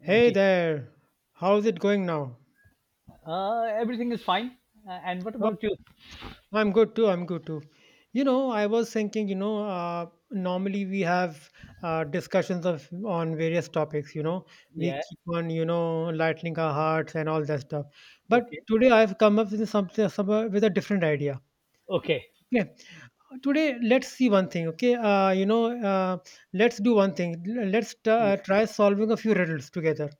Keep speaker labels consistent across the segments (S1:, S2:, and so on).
S1: Hey
S2: Ji.
S1: there, how's it going now?
S2: Everything is fine. And what
S1: Oh,
S2: about you?
S1: I'm good too, I'm good too. I was thinking, normally we have discussions of on various topics, we
S2: Yeah.
S1: keep on, lightening our hearts and all that stuff. But
S2: Okay.
S1: today I've come up with something, some, with a different idea.
S2: Okay.
S1: Okay, today let's see one thing. Okay, let's do one thing. Let's
S2: Yeah.
S1: try solving a few riddles together.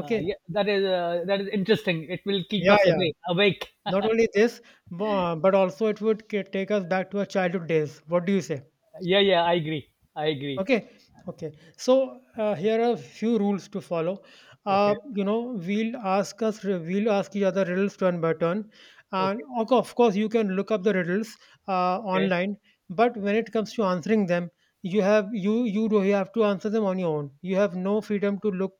S2: Yeah. That is interesting. It will keep
S1: Yeah,
S2: us
S1: yeah.
S2: awake. Awake.
S1: Not only this, but also it would take us back to our childhood days. What do you say?
S2: Yeah. Yeah. I agree. I agree.
S1: Okay, okay. So here are a few rules to follow.
S2: Okay.
S1: We'll ask each other riddles turn by turn, and
S2: Okay.
S1: of course you can look up the riddles
S2: Okay.
S1: online. But when it comes to answering them, you have to answer them on your own. You have no freedom to look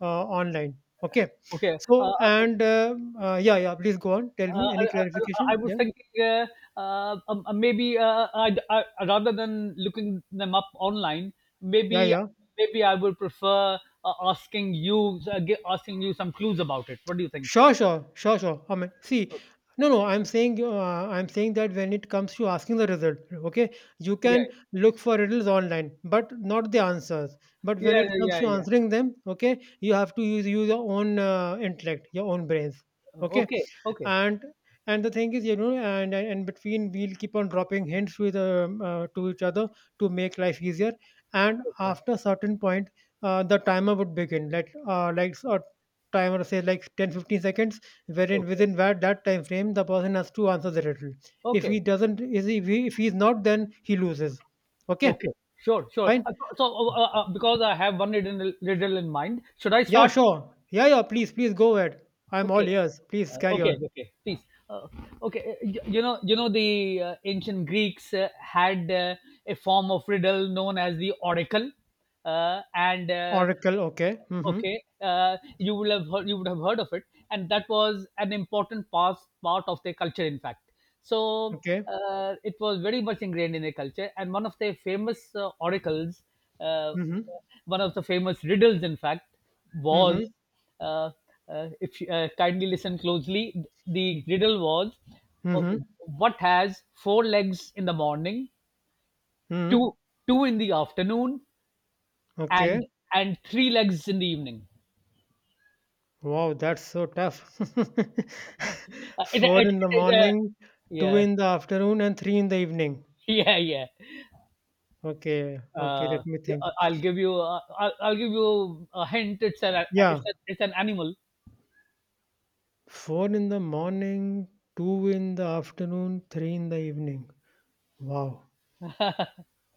S1: online. Okay.
S2: Okay.
S1: So and yeah, yeah. Please go on. Tell
S2: Uh,
S1: me any
S2: I
S1: clarification.
S2: I was
S1: Yeah.
S2: thinking, maybe, rather than looking them up online,
S1: Yeah,
S2: maybe
S1: yeah.
S2: maybe I would prefer asking you, asking you some clues about it. What do you think?
S1: Sure, sure, sure, sure. I mean, see,
S2: Okay.
S1: no, no. I'm saying that when it comes to asking the result, okay, you
S2: Yeah.
S1: can
S2: Yeah.
S1: look for riddles online, but not the answers. But when
S2: Yeah,
S1: it
S2: yeah,
S1: comes
S2: yeah,
S1: to
S2: yeah.
S1: answering them, okay, you have to use your own intellect, your own brains. Okay.
S2: Okay, okay,
S1: and and the thing is, and between we'll keep on dropping hints with to each other to make life easier, and
S2: okay,
S1: after a certain point the timer would begin like a timer say like 10, 15 seconds, wherein
S2: okay,
S1: within that time frame the person has to answer the riddle. if
S2: okay,
S1: he doesn't is he, if he if he's not, then he loses. Okay.
S2: okay. Sure, sure.
S1: Fine.
S2: So, because I have one riddle in mind, should I
S1: Yeah,
S2: start?
S1: sure. Yeah, yeah, please, please go ahead. I'm all
S2: Okay.
S1: ears, please carry
S2: Okay,
S1: on.
S2: okay, please. Uh, okay, the ancient Greeks had a form of riddle known as the oracle, and
S1: Oracle, okay. Mm-hmm.
S2: you would have heard of it, and that was an important part of their culture, in fact. So,
S1: Okay.
S2: it was very much ingrained in their culture, and one of their famous oracles. Uh,
S1: Mm-hmm.
S2: One of the famous riddles, in fact, was.
S1: Mm-hmm.
S2: uh, if you kindly listen closely, the riddle was, uh,
S1: Mm-hmm.
S2: what has four legs in the morning, two
S1: Mm-hmm.
S2: two in the afternoon,
S1: Okay.
S2: and and three legs in the evening.
S1: Wow, that's so tough.
S2: Oh. It,
S1: Four
S2: it,
S1: in the
S2: it is a
S1: morning, two
S2: Yeah.
S1: in the afternoon, and three in the evening.
S2: Yeah, yeah.
S1: Okay. Okay.
S2: Uh,
S1: Let me think.
S2: I'll give you a hint. It's an it's,
S1: Yeah.
S2: a, it's an animal.
S1: Four in the morning, two in the afternoon, three in the evening. Wow.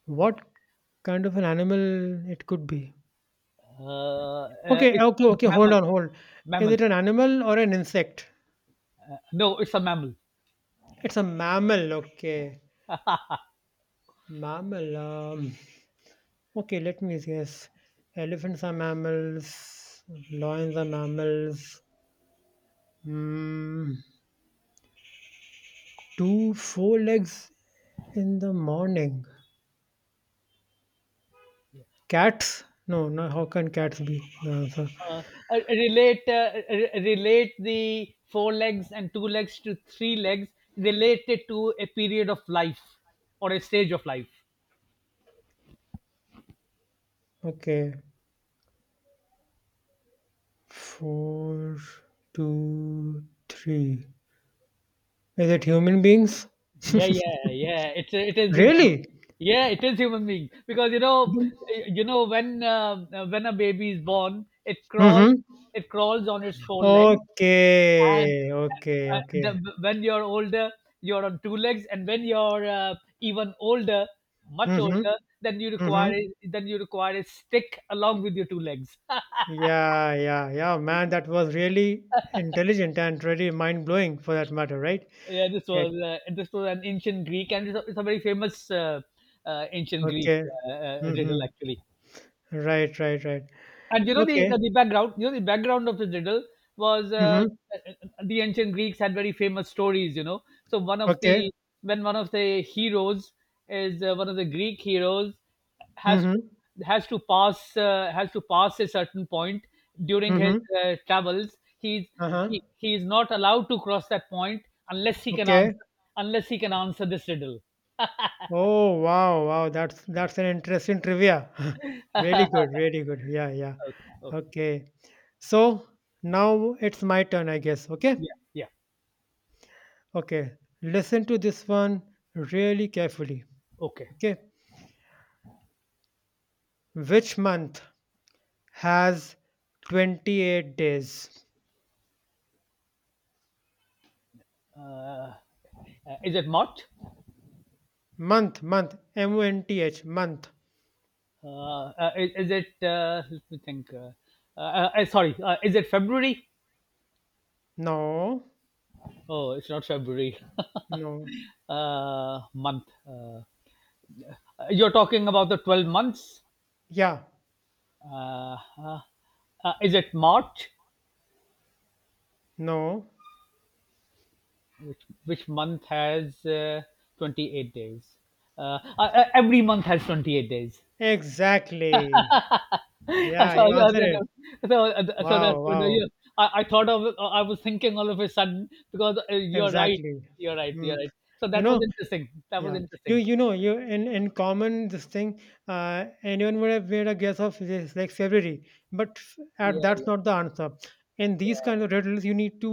S1: What kind of an animal it could be? Okay.
S2: It's
S1: Okay. Okay. Hold
S2: mammal
S1: on. Hold. Is
S2: mammal.
S1: it an animal or an insect?
S2: No, it's a mammal.
S1: It's a mammal. Okay. Mammal. Okay, let me guess. Elephants are mammals, lions are mammals. Mm, two four legs in the morning. Cats? No, no, how can cats be the answer?
S2: uh, relate relate the four legs and two legs to three legs, related to a period of life or a stage of life.
S1: Okay, four, two, three. Is it human beings?
S2: Yeah, yeah, yeah, it is human.
S1: Really?
S2: Yeah, it is human being, because when when a baby is born,
S1: Mm-hmm.
S2: it crawls on its four legs. And
S1: Okay, okay,
S2: uh, uh,
S1: okay.
S2: the, when you're older, you're on two legs, and when you're even older, much
S1: Mm-hmm.
S2: older, then you
S1: Mm-hmm.
S2: require then you require a stick along with your two legs.
S1: Yeah, yeah, yeah, man, that was really intelligent and really mind-blowing for that matter, right?
S2: Yeah,
S1: Right.
S2: this was an ancient Greek, and it's a very famous ancient Greek
S1: Okay.
S2: riddle,
S1: Mm-hmm.
S2: actually.
S1: Right, right, right.
S2: And you know the,
S1: Okay.
S2: the the background. You know the background of his riddle was.
S1: Mm-hmm.
S2: The ancient Greeks had very famous stories. You know, so one of
S1: Okay.
S2: the when one of the heroes is. One of the Greek heroes has to,
S1: Mm-hmm.
S2: has to pass a certain point during his
S1: Mm-hmm.
S2: travels.
S1: Uh-huh.
S2: He is not allowed to cross that point unless he can
S1: Okay.
S2: answer unless he can answer this riddle.
S1: Oh, wow, wow. That's an interesting trivia. Really good, really good. Yeah, yeah.
S2: Okay, okay,
S1: Okay. So now it's my turn, I guess. Okay.
S2: yeah, yeah,
S1: Okay. Listen to this one really carefully.
S2: okay.
S1: Okay. Which month has 28 days.
S2: Is it Mott?
S1: Month, month, month, month.
S2: Is it? Let me think. Sorry, is it February?
S1: No,
S2: Oh, it's not February.
S1: no.
S2: Month. You're talking about the 12 months.
S1: Yeah,
S2: Uh, uh, is it March?
S1: no.
S2: Which month has 28 days? Every month has 28 days.
S1: Exactly.
S2: I thought- I
S1: Yeah, you
S2: thought-
S1: answered it.
S2: I thought- so so
S1: Wow,
S2: that's good.
S1: wow.
S2: I was thinking all of a sudden, because you're right.
S1: Exactly.
S2: You're right.
S1: Hmm.
S2: You're right. So
S1: You
S2: that was
S1: know,
S2: interesting. That was
S1: yeah, you
S2: interesting.
S1: you know you in common this thing, anyone would have made a guess of this like February, but
S2: Yeah. Yeah.
S1: that's not the answer. In these
S2: Yeah.
S1: kind of riddles, you need to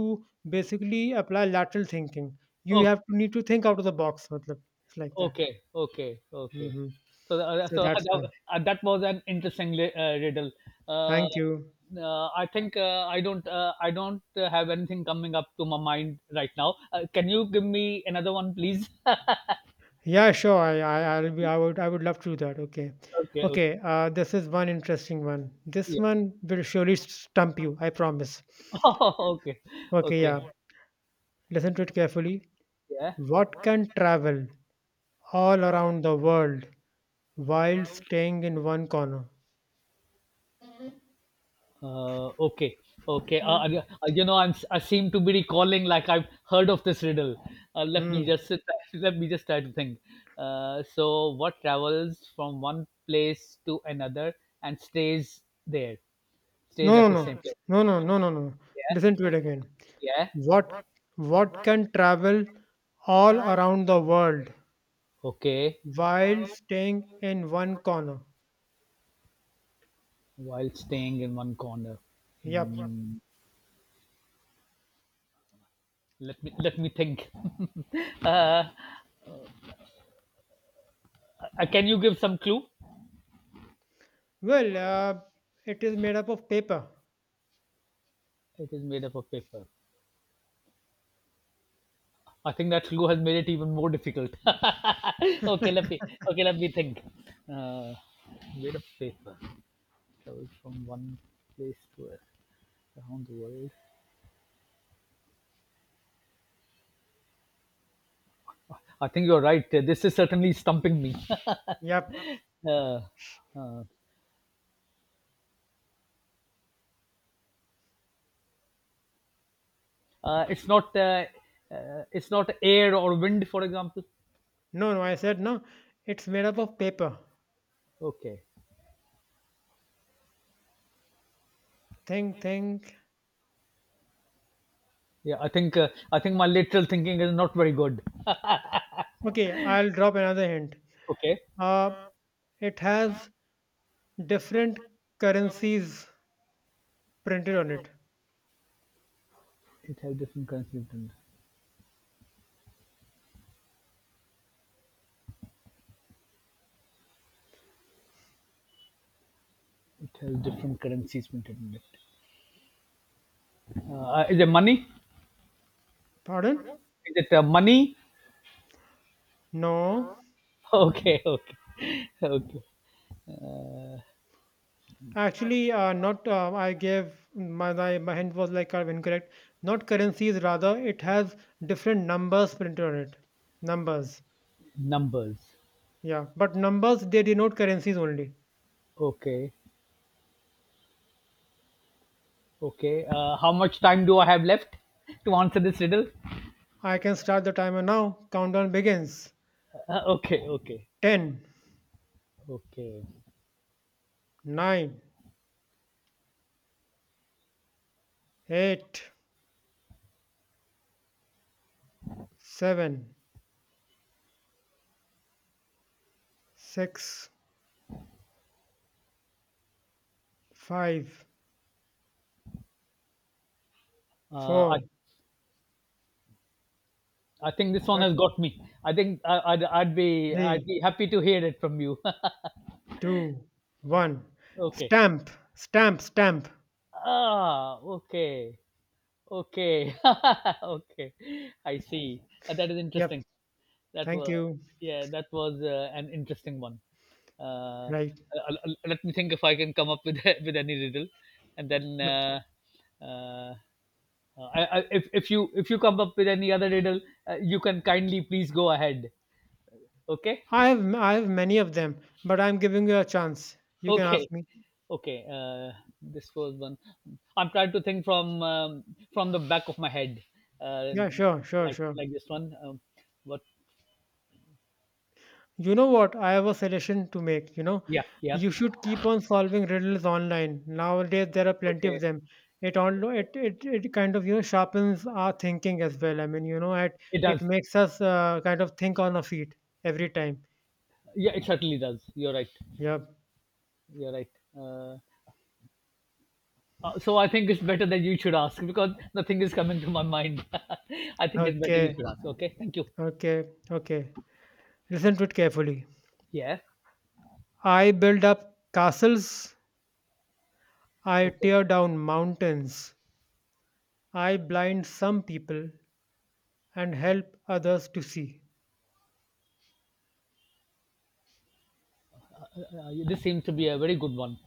S1: basically apply lateral thinking. You
S2: Okay.
S1: have to need to think out of the box. मतलब, it's like that.
S2: Okay. Okay. Okay.
S1: Hmm.
S2: So uh,
S1: So
S2: so uh,
S1: that's that.
S2: that, that was an interesting riddle. Uh,
S1: Thank you.
S2: I think, I don't have anything coming up to my mind right now. Can you give me another one, please?
S1: Yeah, sure. I I'll be I would love to do that. Okay,
S2: Okay. Okay.
S1: okay. This is one interesting one. This
S2: Yeah.
S1: one will surely stump you. I promise.
S2: Okay.
S1: Okay, yeah.
S2: Okay.
S1: Listen to it carefully.
S2: Yeah.
S1: What can travel all around the world while staying in one corner?
S2: Okay. Okay. I seem to be recalling like I've heard of this riddle. Let me
S1: Hmm.
S2: just sit Let me just try to think. So, what travels from one place to another and stays there, stays
S1: No,
S2: at the
S1: no,
S2: same place?
S1: no, no, no, no, no, no. Listen
S2: Yeah.
S1: to it again.
S2: Yeah.
S1: What what can travel all around the world
S2: Okay.
S1: while staying in one corner?
S2: While staying in one corner.
S1: Yep.
S2: Let me think. uh, can you give some clue?
S1: Well, it is made up of paper.
S2: It is made up of paper. I think that slow has made it even more difficult. Okay, let me think. Uh, Weight of paper travel from one place to, around the world. I think you're right. This is certainly stumping me.
S1: Yep.
S2: uh, uh, uh, it's not uh, it's not air or wind, for example.
S1: No, no, I said no. It's made up of paper.
S2: Okay.
S1: Think.
S2: Yeah, I think my literal thinking is not very good.
S1: Okay, I'll drop another hint.
S2: Okay.
S1: Uh, it has different currencies printed on it.
S2: It has different currencies printed. It. Has different currencies printed in it. Is it money?
S1: Pardon?
S2: Is it money?
S1: No,
S2: Okay, okay. Okay. Uh,
S1: actually, not. I gave my, my hint was like kind of incorrect. Not currencies, rather, it has different numbers printed on it. Numbers,
S2: Numbers.
S1: yeah, but numbers they denote currencies only.
S2: Okay, okay. How much time do I have left to answer this riddle?
S1: I can start the timer now. Countdown begins.
S2: Okay, okay,
S1: Ten,
S2: okay.
S1: nine, eight, seven, six, five,
S2: Uh, I
S1: four,
S2: I think this one has got me. I think, I'd be I'd
S1: three,
S2: be happy to hear it from you.
S1: two, one.
S2: Okay.
S1: Stamp, stamp, stamp.
S2: Ah, okay, okay. Okay. I see. That is
S1: Yep.
S2: interesting. That
S1: Thank
S2: was
S1: you.
S2: Yeah, that was an interesting one. Uh,
S1: Right.
S2: uh, Let me think if I can come up with, with any riddle, and then.
S1: Yep.
S2: Uh, uh, if you come up with any other riddle, you can kindly please go ahead. Okay,
S1: I have many of them, but I'm giving you a chance. You can
S2: okay,
S1: ask me.
S2: okay. This was one. I'm trying to think from, from the back of my head, uh,
S1: Yeah, sure, sure,
S2: like
S1: sure.
S2: like this one. What?
S1: You know what? I have a suggestion to make, you know.
S2: Yeah, yeah.
S1: You should keep on solving riddles online. Nowadays there are plenty of
S2: Okay,
S1: them. It all it, it, it kind of, you know, sharpens our thinking as well. I mean, you know, it
S2: it
S1: it
S2: does.
S1: makes us kind of think on our feet every time.
S2: Yeah, it certainly does. You're right.
S1: Yep.
S2: You're right. Uh, so I think it's better that you should ask, because nothing is coming to my mind. I think it's better you
S1: Okay.
S2: should ask. Okay, thank you.
S1: Okay. Okay. Listen to it carefully.
S2: Yeah.
S1: I build up castles, I
S2: Okay.
S1: tear down mountains, I blind some people and help others to see.
S2: This seems to be a very good one.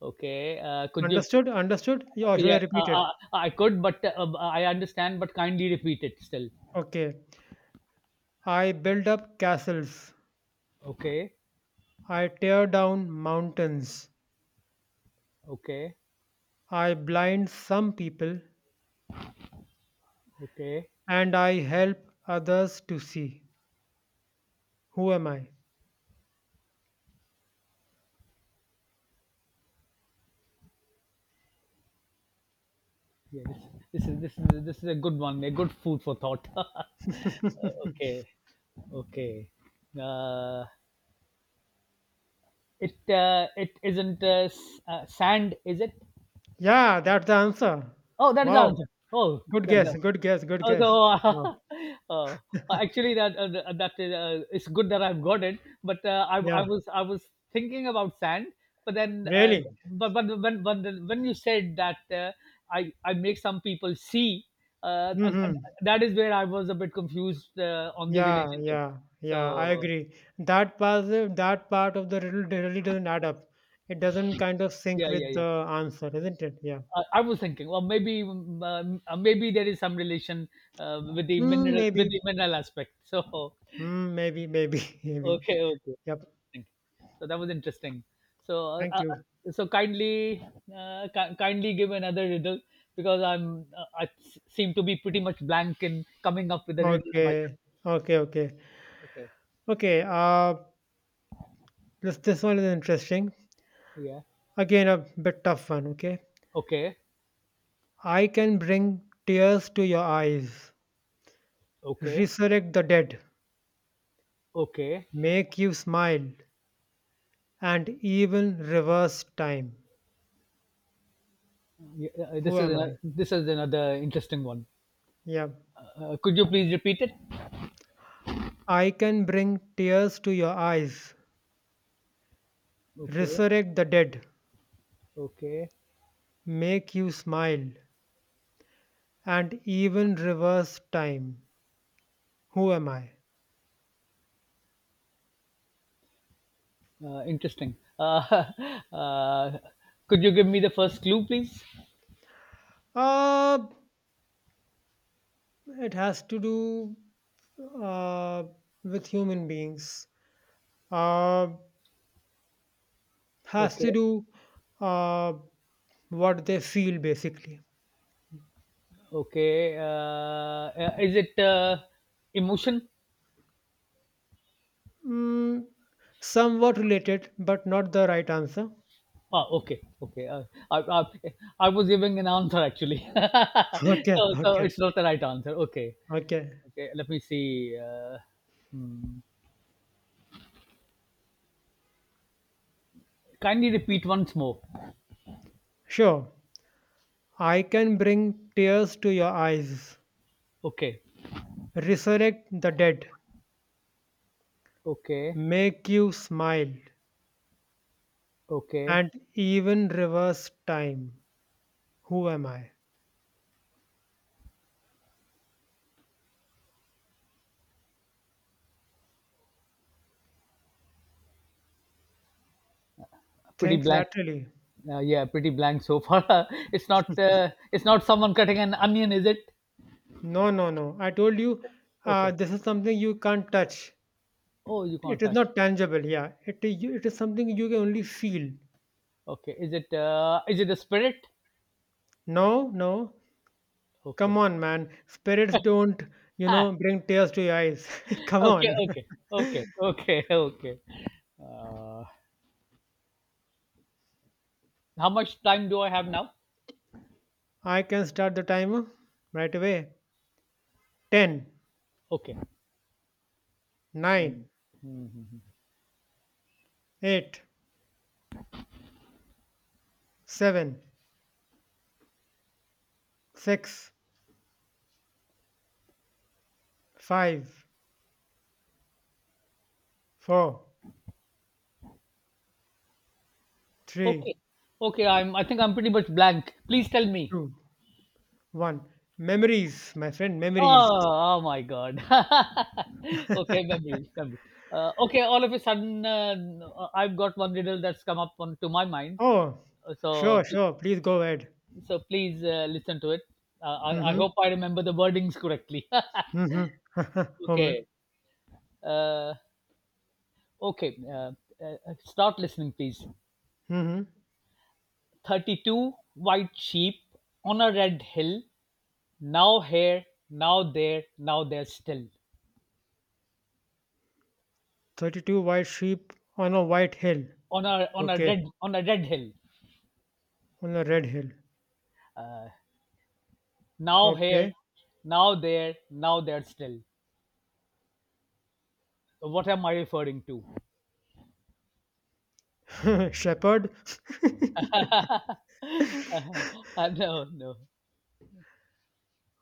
S2: Okay. Could you?
S1: Understood? Understood? Yeah, or should I
S2: Yeah,
S1: repeat it?
S2: I could, but I understand. But kindly repeat it still.
S1: Okay. I build up castles,
S2: Okay,
S1: I tear down mountains,
S2: okay,
S1: I blind some people,
S2: okay.
S1: and I help others to see. Who am I?
S2: Yeah, this is a good one. A good food for thought. Okay, okay. Uh, it isn't sand, is it?
S1: Yeah, that's the answer.
S2: Oh, that is the
S1: Wow.
S2: answer. Oh,
S1: Good guess, good guess, good
S2: oh,
S1: guess. Wow.
S2: so. uh, Actually, that is, it's good that I've got it. But I,
S1: Yeah,
S2: I was I was thinking about sand, but then.
S1: really.
S2: But when you said that I make some people see, uh, uh, uh,
S1: Hmm.
S2: that is where I was a bit confused on the
S1: Yeah,
S2: relationship.
S1: yeah, yeah, I
S2: So,
S1: agree. That part, that part of the riddle really doesn't add up. It doesn't kind of sync
S2: yeah, yeah,
S1: with
S2: yeah.
S1: the answer, isn't it? Yeah.
S2: I was thinking, well, maybe there is some relation with the
S1: Hmm, maybe.
S2: mineral aspect. So,
S1: Hmm, maybe, maybe, maybe.
S2: okay,
S1: Yep.
S2: okay, so that was interesting. So,
S1: Thank
S2: uh,
S1: you.
S2: uh, so kindly kindly give another riddle, because seem to be pretty much blank in coming up with the riddles myself.
S1: Okay. Okay, okay.
S2: Okay,
S1: Okay. This this one is interesting.
S2: yeah,
S1: Again, a bit tough one, okay?
S2: okay,
S1: I can bring tears to your eyes,
S2: okay,
S1: resurrect the dead,
S2: okay.
S1: make you smile, and even reverse time.
S2: Yeah,
S1: Who am I?
S2: this is another interesting one.
S1: Yeah.
S2: Could you please repeat it?
S1: I can bring tears to your eyes,
S2: Okay,
S1: resurrect the dead,
S2: okay.
S1: make you smile, and even reverse time. Who am I?
S2: Interesting. Uh, could you give me the first clue, please?
S1: Uh, it has to do uh, with human beings. Uh, has to
S2: Okay.
S1: do uh, what they feel basically.
S2: Okay. Is it emotion?
S1: Mm, somewhat related, but not the right answer.
S2: Ah, okay. Okay. I, I, I was giving an answer, actually.
S1: Okay,
S2: So,
S1: okay,
S2: it's not the right answer. Okay.
S1: okay.
S2: Okay. Let me see. Hmm. Kindly repeat once more.
S1: Sure. I can bring tears to your eyes,
S2: Okay.
S1: resurrect the dead,
S2: Okay.
S1: make you smile,
S2: Okay.
S1: and even reverse time. Who am I?
S2: Pretty
S1: Think
S2: blank.
S1: laterally.
S2: Yeah, pretty blank so far. It's not. It's not someone cutting an onion, is it?
S1: No, no, no. I told you
S2: Okay.
S1: this is something you can't touch.
S2: Oh, you
S1: It
S2: can't
S1: is
S2: touch.
S1: not tangible. Yeah, it is something you can only feel.
S2: Okay. Is it a spirit?
S1: No, no. Come
S2: Okay.
S1: on, man. Spirits don't, you
S2: Ah,
S1: know, bring tears to your eyes. Come
S2: okay,
S1: on.
S2: okay, okay, okay. Okay. Uh, how much time do I have now?
S1: I can start the timer right away. Ten,
S2: Okay. Mm.
S1: nine,
S2: Mhm.
S1: eight, seven, six, five. Four,
S2: Okay.
S1: three,
S2: Okay, I think I'm pretty much blank. Please tell me.
S1: two, one. Memories, my friend, memories.
S2: Oh, oh my God. Okay, memories, memories. Okay, all of a sudden, I've got one riddle that's come up on, to my mind.
S1: Oh,
S2: So,
S1: sure, sure. Please go ahead.
S2: please listen to it. I
S1: Mm-hmm.
S2: hope I remember the wordings correctly.
S1: Mm-hmm. Home.
S2: Okay. Uh, okay. Uh, Start listening, please.
S1: Mm-hmm.
S2: 32 white sheep on a red hill. Now here, now there, now there still.
S1: 32 white sheep on a white hill. Okay.
S2: On a red hill.
S1: On a red hill.
S2: Now here,
S1: Okay.
S2: now there, now there still. What am I referring to?
S1: Shepherd.
S2: No, no.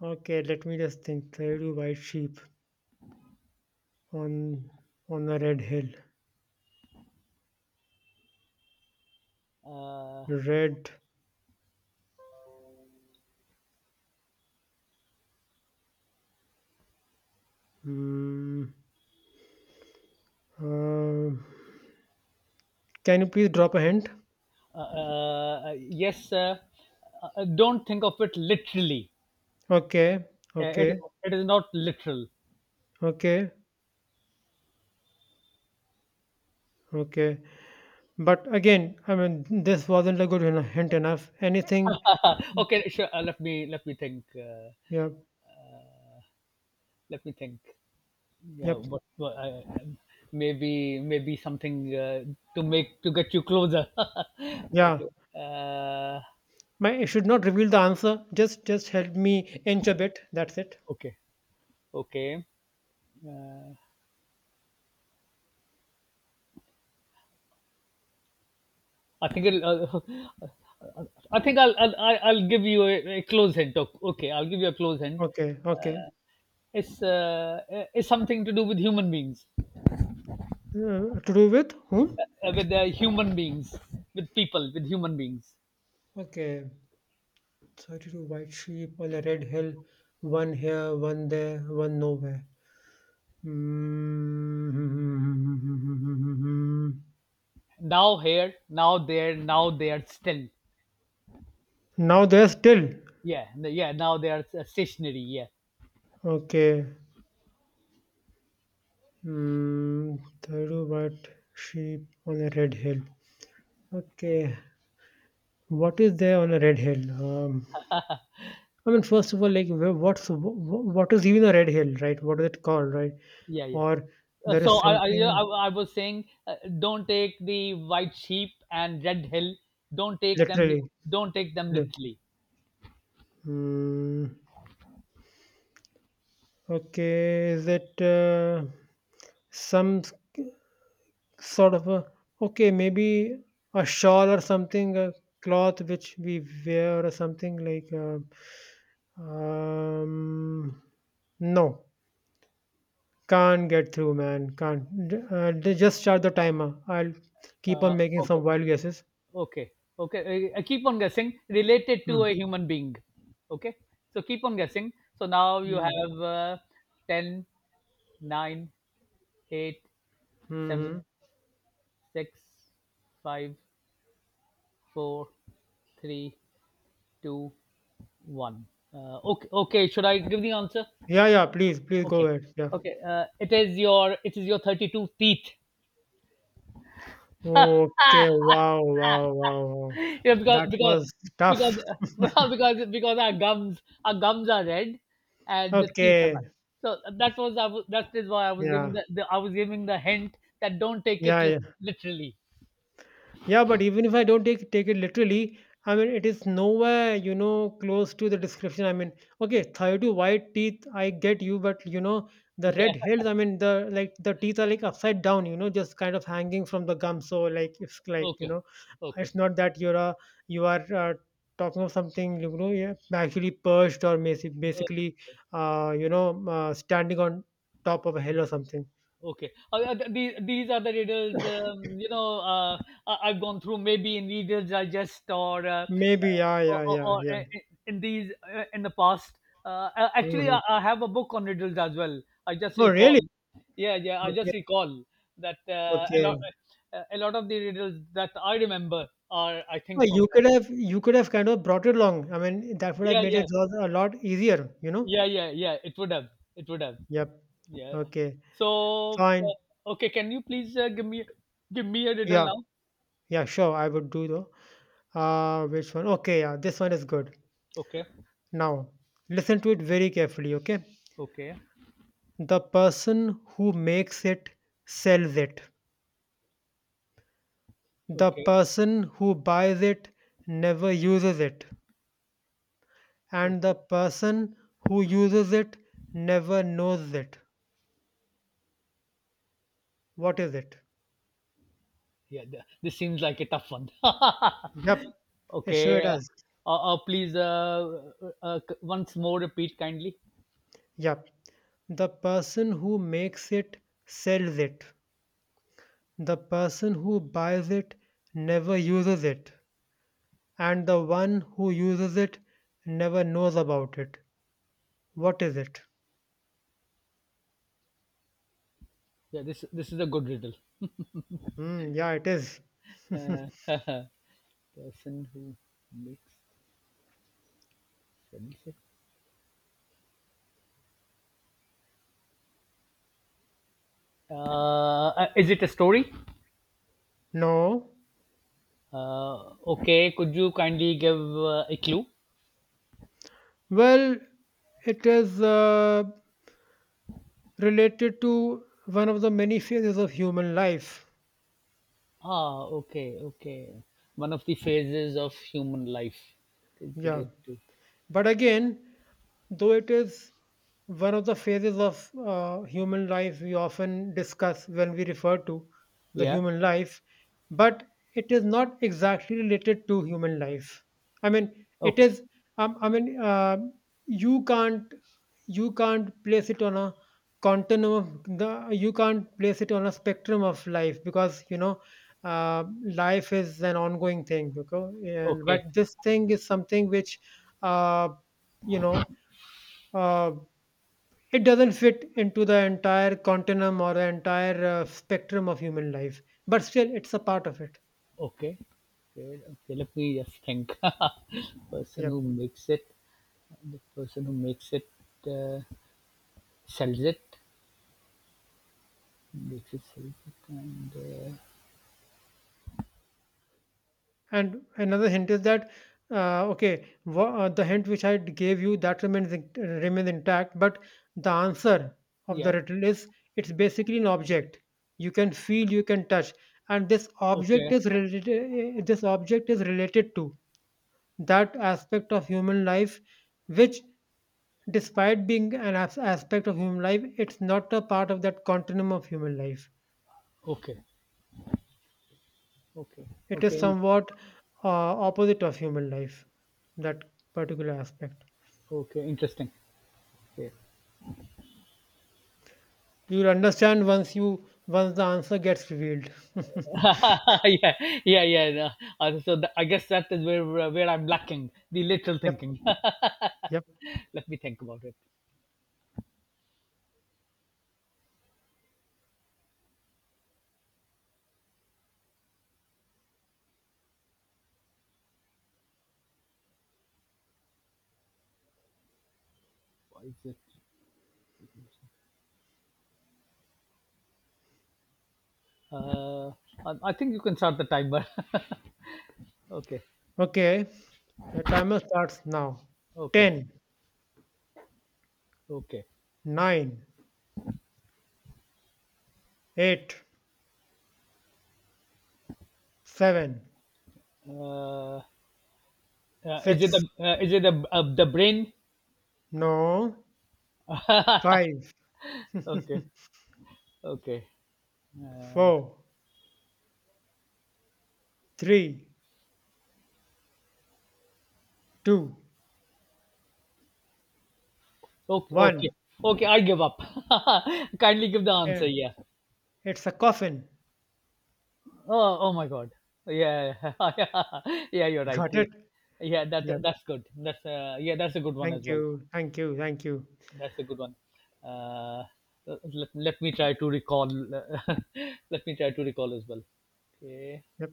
S1: Okay, let me just think. 32 white sheep on a red hill.
S2: Uh,
S1: Red. Mm, uh, can you please drop a hint?
S2: yes, don't think of it literally.
S1: Okay.
S2: Uh, it
S1: Okay.
S2: it is not literal.
S1: Okay. Okay, but again, I mean, this wasn't a good hint enough. Anything?
S2: Okay, sure. Let me think.
S1: Yep,
S2: Let me think. Yeah,
S1: yep,
S2: what maybe something to get you closer.
S1: yeah.
S2: Okay. Uh,
S1: My it should not reveal the answer. Just help me inch a bit. That's it.
S2: okay. Okay. I think it'll, uh, I think I'll give you a close hint. Okay, okay, I'll give you a close hint.
S1: Okay, okay.
S2: It's uh, it's something to do with human beings.
S1: To do with whom?
S2: With the human beings, with people, with human beings.
S1: Okay, 32 white sheep on a red hill. One here, one there, one nowhere. Mm.
S2: Now here, now there, now they are still.
S1: Now there's still.
S2: Yeah, yeah. Now they are stationary. Yeah,
S1: Okay. Mm, 32 white sheep on a red hill. Okay. What is there on a red hill? I mean, first of all, like, what is even a red hill, right? What is it called, right?
S2: yeah, yeah.
S1: Or there
S2: So
S1: is
S2: I, yeah,
S1: something
S2: I was saying, don't take the white sheep and red hill. Don't take them.
S1: literally.
S2: Don't take them
S1: No.
S2: literally.
S1: Mm, okay, is it some sort of a okay, maybe a shawl or something, a cloth which we wear or something like. Um, no, can't get through, man. Can't. D- they just start the timer. I'll keep
S2: Uh,
S1: on making some
S2: okay,
S1: wild guesses.
S2: okay, okay. Keep on guessing. Related
S1: Hmm.
S2: to a human being. Okay. So keep on guessing. So now you
S1: Hmm.
S2: have 10, nine, eight, seven,
S1: Mm-hmm.
S2: six, five, four, three, two, one. Okay, okay. Should I give the answer?
S1: Yeah, yeah. Please, please go
S2: Okay,
S1: ahead. Yeah.
S2: okay. It is your 32 teeth. yeah,
S1: Okay. Wow. Wow. Wow. Wow.
S2: because
S1: That
S2: because
S1: was
S2: because
S1: tough.
S2: well, because our gums are red and the teeth are black.
S1: Okay.
S2: So that is why I was giving
S1: Yeah.
S2: the hint that don't take it
S1: Yeah. Yeah.
S2: literally.
S1: Yeah, but even if I don't take it literally, I mean it is nowhere, you know, close to the description. I mean, okay, 32 white teeth, I get you, but you know, the
S2: Yeah.
S1: red hills, I mean the like the teeth are like upside down, you know, just kind of hanging from the gum. So like it's like, you
S2: Okay.
S1: know,
S2: Okay.
S1: it's not that you're a, you are talking of something, you know, yeah, actually perched or basically standing on top of a hill or something.
S2: Okay, these are the riddles. I've gone through maybe in Reader's Digest or
S1: Maybe, yeah,
S2: or,
S1: yeah,
S2: or,
S1: yeah,
S2: or
S1: yeah.
S2: i- i- in these in the past. Uh, a- actually,
S1: Hmm.
S2: I, I have a book on riddles as well. I just
S1: Oh,
S2: recall.
S1: really?
S2: Yeah, yeah, I
S1: Okay,
S2: just recall that
S1: okay.
S2: a lot of the riddles that I remember are I
S1: Oh,
S2: think from that.
S1: you could have kind of brought it along. I mean, that would have
S2: Yeah,
S1: made your
S2: yeah,
S1: job a lot easier, you know?
S2: yeah, yeah, yeah. It would have. It would have.
S1: Yep.
S2: Yeah.
S1: Okay.
S2: So
S1: Fine.
S2: okay, can you please give me a riddle
S1: Yeah.
S2: now?
S1: Yeah, sure. I would do though. Which one? Okay, yeah, this one is good.
S2: Okay.
S1: Now, listen to it very carefully, okay?
S2: Okay.
S1: The person who makes it sells it. The
S2: Okay.
S1: person who buys it never uses it. And the
S2: Okay.
S1: person who uses it never knows it. What is it?
S2: Yeah, this seems like a tough one.
S1: Yep. It sure
S2: okay.
S1: does.
S2: Please, once more repeat kindly.
S1: Yep. The person who makes it sells it. The person who buys it never uses it. And the one who uses it never knows about it. What is it?
S2: Yeah, this is a good riddle.
S1: Hmm, yeah, it is.
S2: Uh, person who makes sense. Is it a story?
S1: No.
S2: Okay. Could you kindly give a clue?
S1: Well, it is related to one of the many phases of human life.
S2: Ah, okay, okay. One of the phases of human life is
S1: Yeah.
S2: related to.
S1: But again, though it is one of the phases of human life we often discuss when we refer to the
S2: Yeah.
S1: human life, but it is not exactly related to human life. I mean, it
S2: Okay.
S1: is. I mean, you can't place it on a continuum of the you can't place it on a spectrum of life because uh, life is an ongoing thing because and
S2: Okay.
S1: but this thing is something which uh, you know uh, it doesn't fit into the entire continuum or the entire spectrum of human life, but still, it's a part of it.
S2: Okay. Okay, okay, let me just think. person
S1: Yep.
S2: who makes it, the person who makes it, uh, sells it, makes it, sells it, and
S1: And another hint is that okay, the hint which I gave you that remains remains intact, but the answer of the
S2: yeah.
S1: riddle is, it's basically an object. You can feel, you can touch, and this object
S2: Okay,
S1: is related. This object is related to that aspect of human life which, despite being an aspect of human life, it's not a part of that continuum of human life.
S2: okay, okay,
S1: It is
S2: okay,
S1: somewhat uh, opposite of human life, that particular aspect.
S2: okay. Interesting. Yeah,
S1: You'll understand once you once the answer gets revealed.
S2: yeah, yeah, yeah. No. So I guess that is where I'm lacking the literal
S1: Yep,
S2: thinking.
S1: yep.
S2: let me think about it. What is it? Uh, I think you can start the timer. okay,
S1: Okay, your timer starts now.
S2: okay,
S1: Ten,
S2: okay.
S1: nine, eight, seven,
S2: Uh,
S1: six,
S2: is it the brain?
S1: no,
S2: okay,
S1: five,
S2: okay,
S1: four, three, two,
S2: okay, okay,
S1: one.
S2: okay. I give up. Kindly give the
S1: Eh,
S2: answer. Yeah.
S1: It's a coffin.
S2: Oh, oh my God. Yeah, yeah. You're right.
S1: Got it?
S2: Yeah, that
S1: Yep.
S2: that's good. That's a good one as
S1: Thank
S2: well.
S1: you. Thank you. Thank you.
S2: That's a good one. Uh, let me try to recall. let me try to recall as well. Okay.
S1: Yep.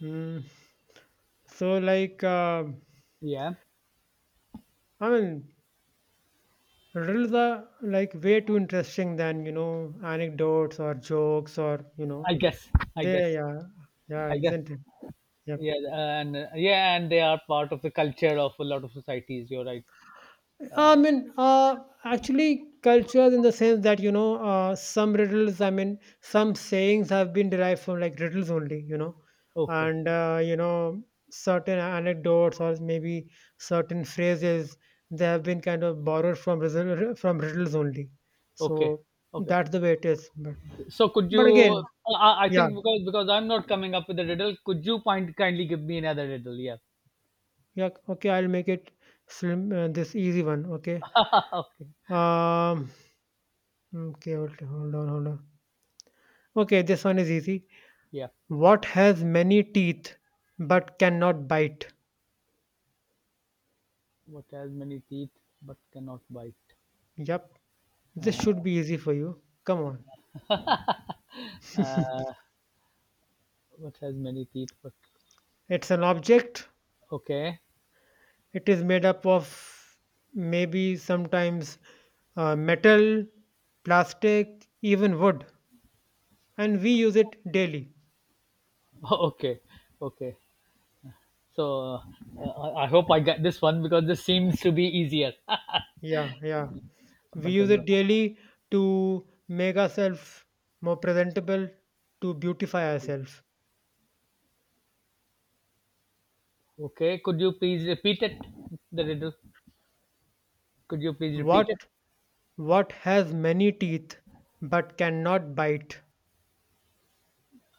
S1: Mm. So, like,
S2: Yeah.
S1: I mean, riddles are like way too interesting than anecdotes or jokes or
S2: I guess. I
S1: they,
S2: guess.
S1: yeah, yeah,
S2: I guess.
S1: isn't it? Yep.
S2: Yeah, and they are part of the culture of a lot of societies. You're right.
S1: I mean, actually, cultures in the sense that, some riddles, I mean, some sayings have been derived from like riddles only,
S2: Okay.
S1: and, certain anecdotes or maybe certain phrases, they have been kind of borrowed from riddles only.
S2: Okay.
S1: So
S2: Okay.
S1: that's the way it is. But,
S2: So could you
S1: again,
S2: I
S1: yeah,
S2: think because I'm not coming up with a riddle. Could you point kindly give me another riddle? Yeah.
S1: yeah, okay, I'll make it slim, this easy one, okay.
S2: okay.
S1: Um, okay, hold on, hold on. Okay, this one is easy.
S2: Yeah,
S1: What has many teeth but cannot bite?
S2: what has many teeth but cannot bite?
S1: Yep, this
S2: uh,
S1: should be easy for you. Come on.
S2: uh, what has many teeth but
S1: It's an object.
S2: okay.
S1: It is made up of maybe sometimes metal, plastic, even wood. And we use it daily.
S2: okay, okay. So I hope I get this one because this seems to be easier.
S1: Yeah, yeah. We
S2: but
S1: use
S2: does
S1: it
S2: not.
S1: daily to make ourselves more presentable, to beautify
S2: Okay.
S1: ourselves.
S2: Okay, could you please repeat it? The riddle. Could you please repeat it?
S1: What what has many teeth but cannot bite?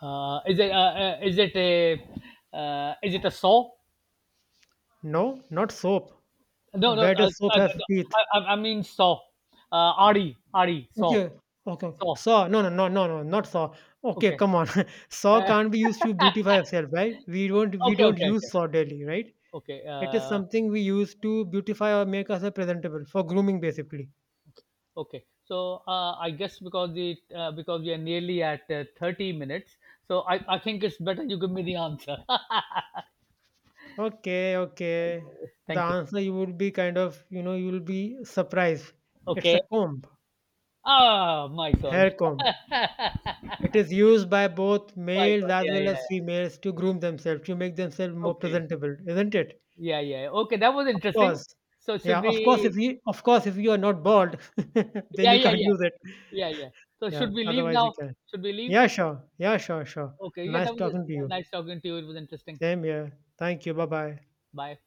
S2: Is it is it a Is it a saw?
S1: No, not soap.
S2: No, no.
S1: Where does soap have
S2: No,
S1: teeth?
S2: I mean saw. Ari, Ari, saw,
S1: Okay, okay.
S2: saw.
S1: Saw. No, no, no, no, no, not saw. Okay,
S2: Okay.
S1: come on. Saw
S2: Uh,
S1: can't be used to beautify ourselves, right? We
S2: okay,
S1: don't
S2: okay,
S1: use
S2: okay,
S1: saw daily, right?
S2: okay.
S1: It is something we use to beautify or make ourselves presentable for grooming basically.
S2: Okay. So I guess because we are nearly at 30 minutes, so I think it's better you give me the answer.
S1: Okay, okay. The
S2: Thank you.
S1: answer you would be kind of, you will be surprised. It's a
S2: Okay.
S1: comb,
S2: Ah, my God.
S1: hair comb. It is used by both
S2: my
S1: males
S2: God.
S1: as
S2: Yeah,
S1: well
S2: yeah,
S1: as
S2: yeah.
S1: females to
S2: Yeah.
S1: groom themselves, to make themselves more
S2: Okay.
S1: presentable, isn't it?
S2: Yeah, yeah. Okay, that was
S1: Of
S2: interesting.
S1: course.
S2: So
S1: Yeah,
S2: should we
S1: of course if you are not bald, then
S2: Yeah,
S1: you
S2: yeah,
S1: can't
S2: yeah.
S1: use it.
S2: Yeah, yeah. So
S1: Yeah,
S2: should we leave
S1: otherwise you
S2: now?
S1: can.
S2: Should we leave?
S1: Yeah, sure. Yeah, sure, sure.
S2: Okay. Yeah,
S1: Nice
S2: that was
S1: talking to you.
S2: nice talking to you. It was interesting.
S1: Same here. Thank you. Bye-bye.
S2: Bye.